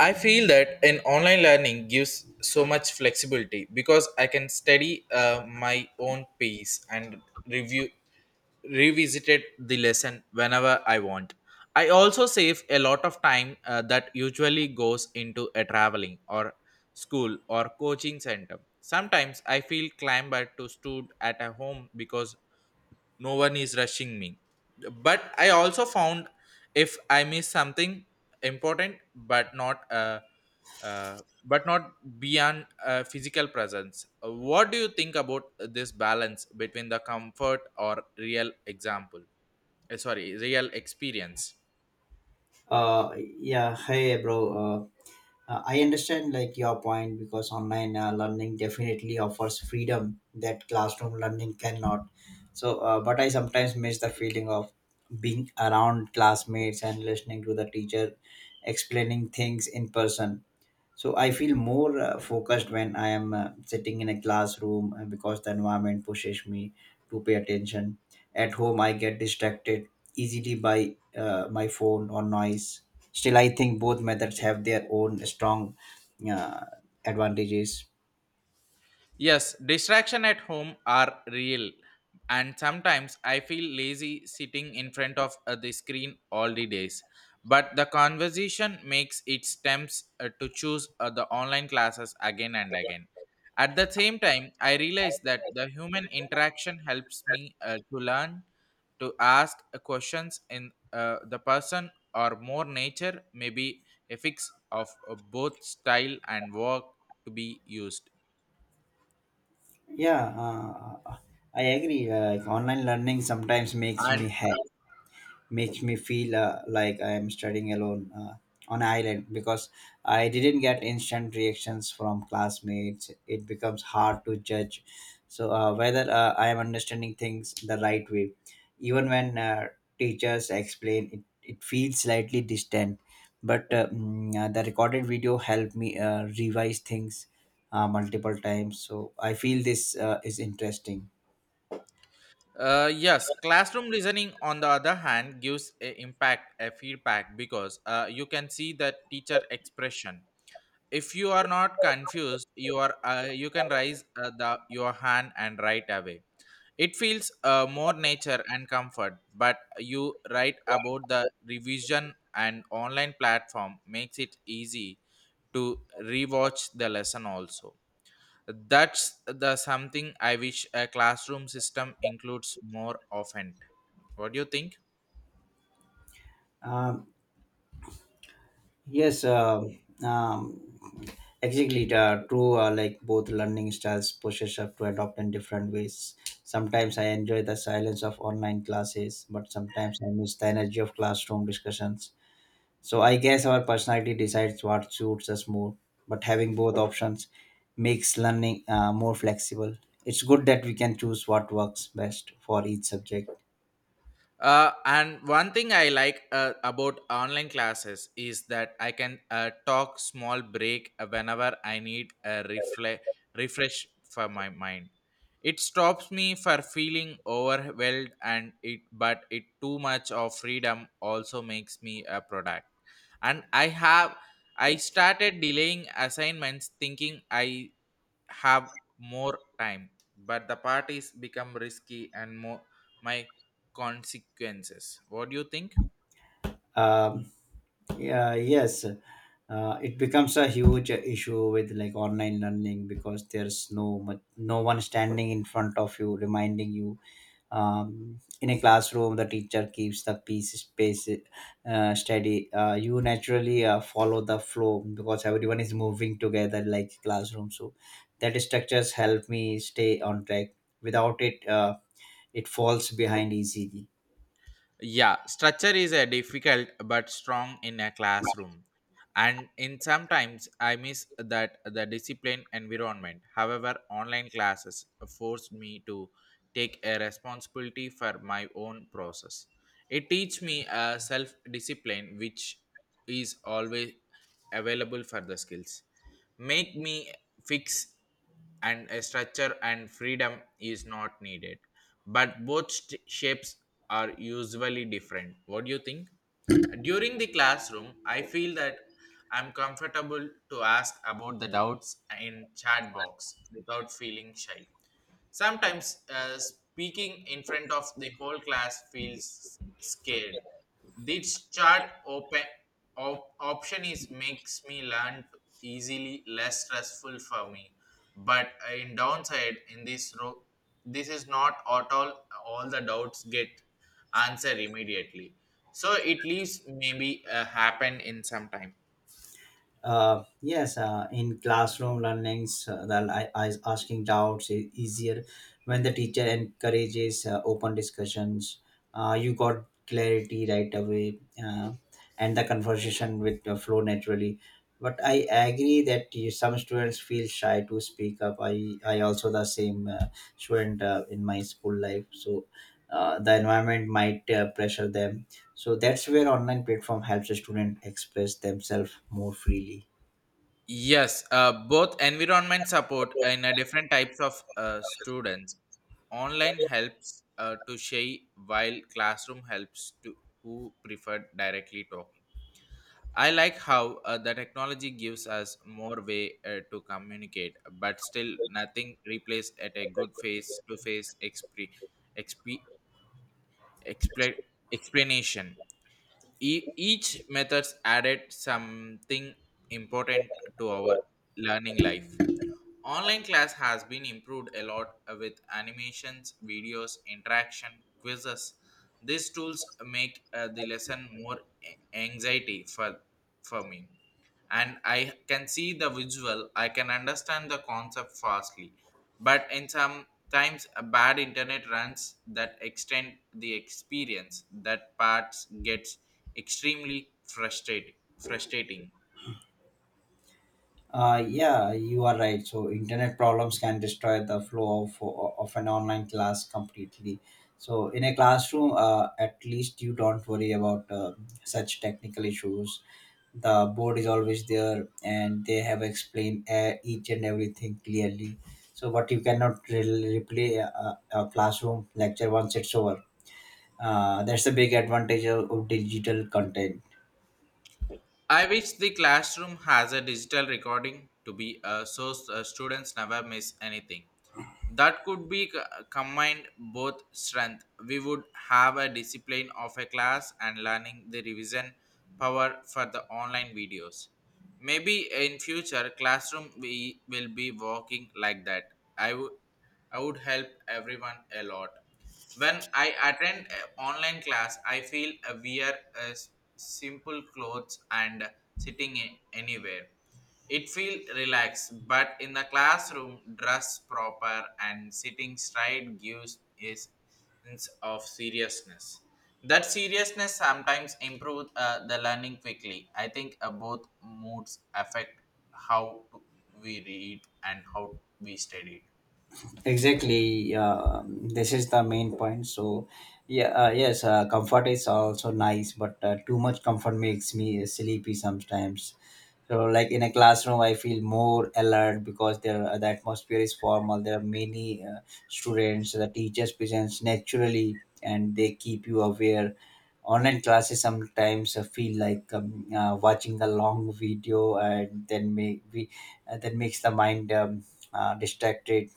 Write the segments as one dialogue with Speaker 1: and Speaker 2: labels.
Speaker 1: I feel that an online learning gives so much flexibility because I can study my own pace and review revisited the lesson whenever I want. I also save a lot of time that usually goes into a traveling or school or coaching center. Sometimes I feel clambered to stood at a home because no one is rushing me, but I also found if I miss something important but not beyond physical presence. What do you think about this balance between the comfort or real example, sorry, real experience?
Speaker 2: Yeah, Hey, bro. I understand your point because online learning definitely offers freedom that classroom learning cannot. But I sometimes miss the feeling of being around classmates and listening to the teacher explaining things in person. So I feel more focused when I am sitting in a classroom because the environment pushes me to pay attention. At home, I get distracted easily by my phone or noise. Still, I think both methods have their own strong uh, advantages.
Speaker 1: Yes, distraction at home are real, and sometimes I feel lazy sitting in front of the screen all the days. But the conversation makes it attempts to choose the online classes again and again. At the same time, I realize that the human interaction helps me to learn to ask questions in the person or more nature, maybe a fix of both style and work to be used.
Speaker 2: Yeah, I agree. Online learning sometimes makes me
Speaker 1: And.
Speaker 2: happy. Makes me feel like I am studying alone on an island because I didn't get instant reactions from classmates. It becomes hard to judge. So whether I am understanding things the right way, even when teachers explain, it feels slightly distant. But the recorded video helped me revise things multiple times. So I feel this is interesting.
Speaker 1: Yes, classroom listening, on the other hand, gives a impact, a feedback because you can see the teacher expression. If you are not confused, you can raise the your hand and write away. It feels more nature and comfort. But you write about the revision and online platform makes it easy to rewatch the lesson also, that's the something I wish a classroom system includes more often. What do you think?
Speaker 2: Um, Yes, um, um, exactly. Like both learning styles push us up to adopt in different ways. Sometimes I enjoy the silence of online classes, but sometimes I miss the energy of classroom discussions. So I guess our personality decides what suits us more. But having both options makes learning more flexible. It's good that we can choose what works best for each subject.
Speaker 1: And one thing I like about online classes is that I can talk small break whenever I need a refresh for my mind. It stops me for feeling overwhelmed and it but it too much of freedom also makes me a product. And I have I started delaying assignments thinking I have more time, but the parties become risky and more my consequences. What do you think?
Speaker 2: Um, yeah yes, it becomes a huge issue with online learning because there's no one standing in front of you reminding you. In a classroom, the teacher keeps the piece space steady. You naturally follow the flow because everyone is moving together like classroom, so that structures help me stay on track. Without it, it falls behind easily.
Speaker 1: Yeah, structure is a difficult but strong in a classroom. And in sometimes I miss that the discipline environment. However, online classes forced me to take a responsibility for my own process. It teach me a self discipline which is always available for the skills. Make me fix and a structure and freedom is not needed, but shapes are usually different. What do you think? During the classroom, I feel that I'm comfortable to ask about the doubts in chat box without feeling shy. Sometimes speaking in front of the whole class feels scared. This chart open option is makes me learn easily, less stressful for me. But in downside, in this row, this is not at all. All the doubts get answered immediately, so it leaves maybe happen in some time.
Speaker 2: Yes, in classroom learnings, asking doubts is easier when the teacher encourages open discussions. You got clarity right away, and the conversation with flow naturally. But I agree that you, some students feel shy to speak up. I also the same student in my school life, so the environment might pressure them, so that's where online platform helps a student express themselves more freely.
Speaker 1: Yes, both environment support and different types of students. Online helps to share, while classroom helps to who prefer directly talking. I like how the technology gives us more way to communicate, but still nothing replaces at a good face-to-face exp- expla- explanation. Each methods added something important to our learning life. Online class has been improved a lot with animations, videos, interaction, quizzes. These tools make the lesson more anxiety for me, and I can see the visual. I can understand the concept fastly, but in some times a bad internet runs that extend the experience that parts gets extremely frustrating.
Speaker 2: Yeah, you are right, so internet problems can destroy the flow of an online class completely. So in a classroom, at least you don't worry about such technical issues. The board is always there and they have explained each and everything clearly. But you cannot replay a classroom lecture once it's over. That's the big advantage of digital content.
Speaker 1: I wish the classroom has a digital recording to be a source, students never miss anything. That could be combined both strength, we would have a discipline of a class and learning the revision power for the online videos. Maybe in future classroom we will be working like that. i would I would help everyone a lot. When I attend a online class I feel we are uh, s- simple clothes and sitting anywhere. It feels relaxed, but in the classroom, dress proper and sitting straight gives a sense of seriousness. That seriousness sometimes improves the learning quickly. I think both moods affect how to- we read and how we study.
Speaker 2: Exactly, yeah, this is the main point. Yes, comfort is also nice, but too much comfort makes me sleepy sometimes. So, like, in a classroom I feel more alert because the atmosphere is formal. There are many students. The teachers presents naturally and they keep you aware. Online classes sometimes feel like watching a long video and then make we that makes the mind distracted.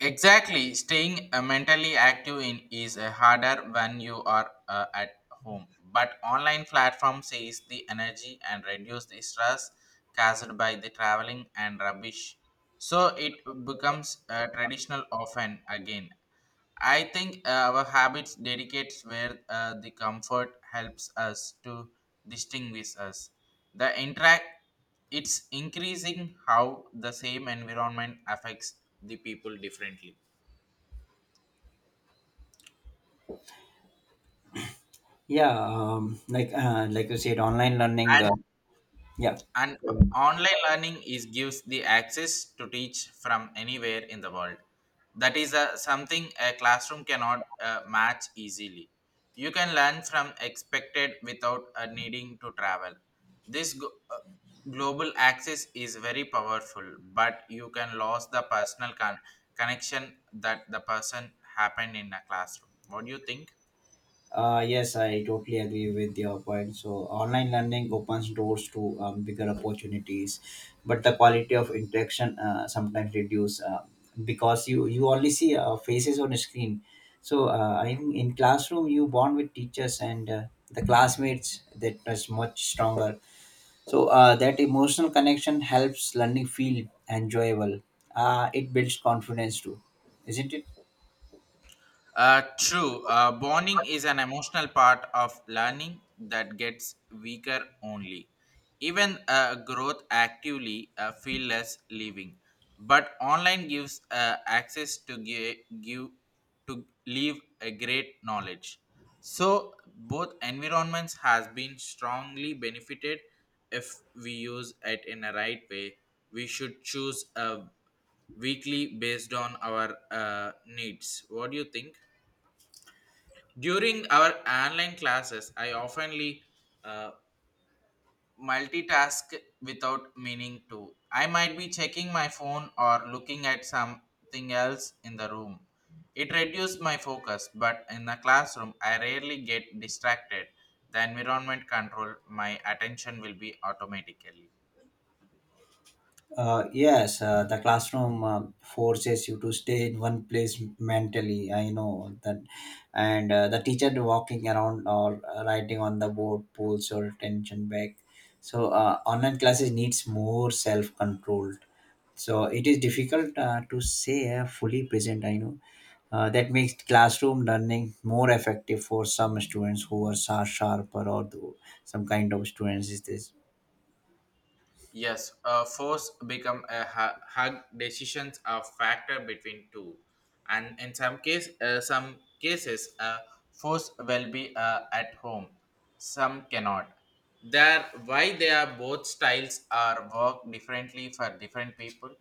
Speaker 1: Exactly, staying mentally active in is harder when you are at home. But online platform saves the energy and reduce the stress caused by the traveling and rubbish. So it becomes traditional often again. I think our habits dedicates where the comfort helps us to distinguish us. The interact, it's increasing how the same environment affects the people differently.
Speaker 2: Yeah, like you said, online learning.
Speaker 1: And
Speaker 2: Yeah,
Speaker 1: And online learning is gives the access to teach from anywhere in the world. That is a, something a classroom cannot match easily. You can learn from expected without needing to travel. This go- uh, Global access is very powerful, but you can lose the personal connection that the person happened in a classroom. What do you think?
Speaker 2: yes, I totally agree with your point. So online learning opens doors to bigger opportunities, but the quality of interaction sometimes reduce because you only see faces on a screen. So I think in classroom you bond with teachers and the classmates, that is much stronger. So that emotional connection helps learning feel enjoyable. It builds confidence too, isn't it?
Speaker 1: True. Bonding is an emotional part of learning that gets weaker only. Even growth actively feel less living, but online gives access to give to leave a great knowledge. So both environments has been strongly benefited if we use it in a right way. We should choose a weekly based on our needs. What do you think? During our online classes, I oftenly uh, multitask without meaning to. I might be checking my phone or looking at something else in the room. It reduced my focus, but in the classroom, I rarely get distracted. The environment control my attention will be automatically.
Speaker 2: Yes, the classroom forces you to stay in one place mentally. I know that, and the teacher walking around or writing on the board pulls your attention back. So online classes needs more self control. So it is difficult to say fully present. I know that makes classroom learning more effective for some students who are sharper or some kind of students is this.
Speaker 1: Yes, force become a hug decisions a factor between two, and in some case, some cases, force will be at home. Some cannot. There, why they are both styles are work differently for different people.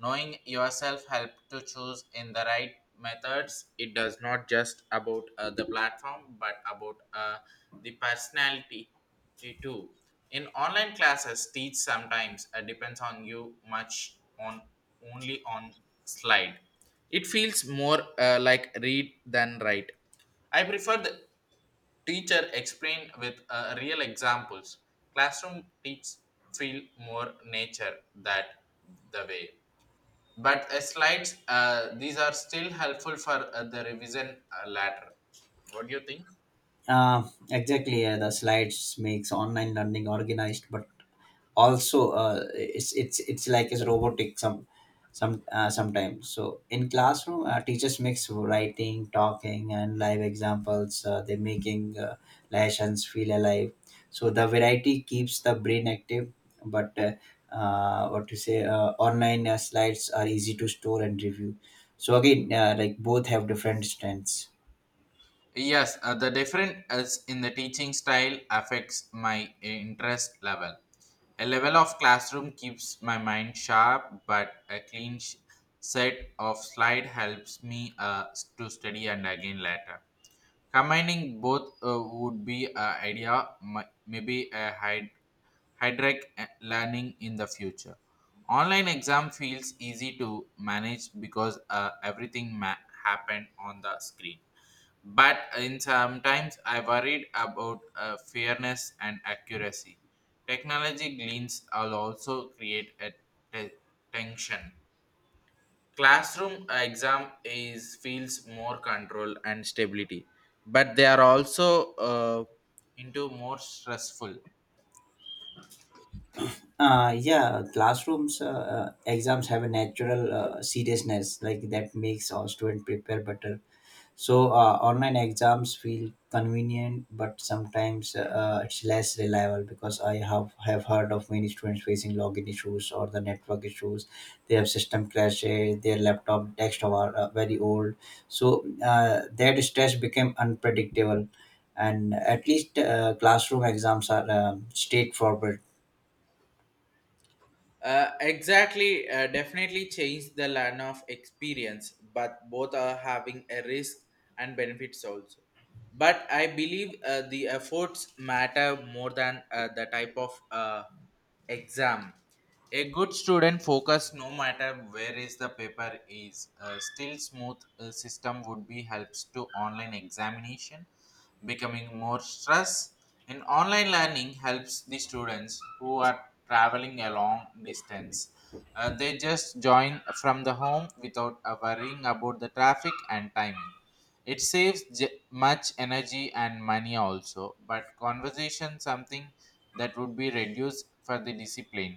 Speaker 1: Knowing yourself help to choose in the right methods. It does not just about the platform, but about the personality, me too. In online classes, teach sometimes depends on you much on only on slide. It feels more like read than write. I prefer the teacher explain with real examples. Classroom teach feel more nature that the way. But slides, these are still helpful for the revision later. What do you think?
Speaker 2: Uh, exactly. The slides makes online learning organized, but also it's like it's robotic some sometimes. So in classroom, teachers mix writing, talking, and live examples. They making lessons feel alive. So the variety keeps the brain active, but what to say? Online slides are easy to store and review. So again, both have different strengths.
Speaker 1: Yes, the difference is in the teaching style affects my interest level. A level of classroom keeps my mind sharp, but a clean set of slide helps me to study and again later. Combining both would be an idea, maybe a hydric learning in the future. Online exam feels easy to manage because everything happened on the screen. But in sometimes I worried about fairness and accuracy. Technology gleans will also create a te- tension. Classroom exam is feels more control and stability, but they are also into more stressful.
Speaker 2: Yeah, Classrooms exams have a natural seriousness like that makes our student prepare better. So online exams feel convenient, but sometimes it's less reliable because I have heard of many students facing login issues or the network issues. They have system crashes, their laptop desktop are very old, so that stress became unpredictable. And at least classroom exams are straightforward.
Speaker 1: Exactly, definitely change the land of experience, but both are having a risk and benefits also. But I believe the efforts matter more than the type of exam. A good student focus no matter where is the paper is. A still smooth system would be helps to online examination becoming more stress, and online learning helps the students who are traveling a long distance. They just join from the home without worrying about the traffic and timing. It saves much energy and money also, but conversation something that would be reduced for the discipline,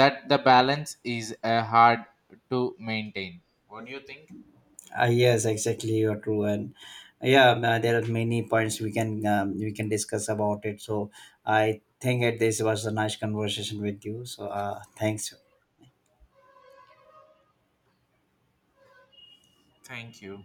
Speaker 1: that the balance is hard to maintain. What do you think?
Speaker 2: Yes, exactly. You're true, and yeah, there are many points we can discuss about it. So I think that this was a nice conversation with you. So thanks.
Speaker 1: Thank you.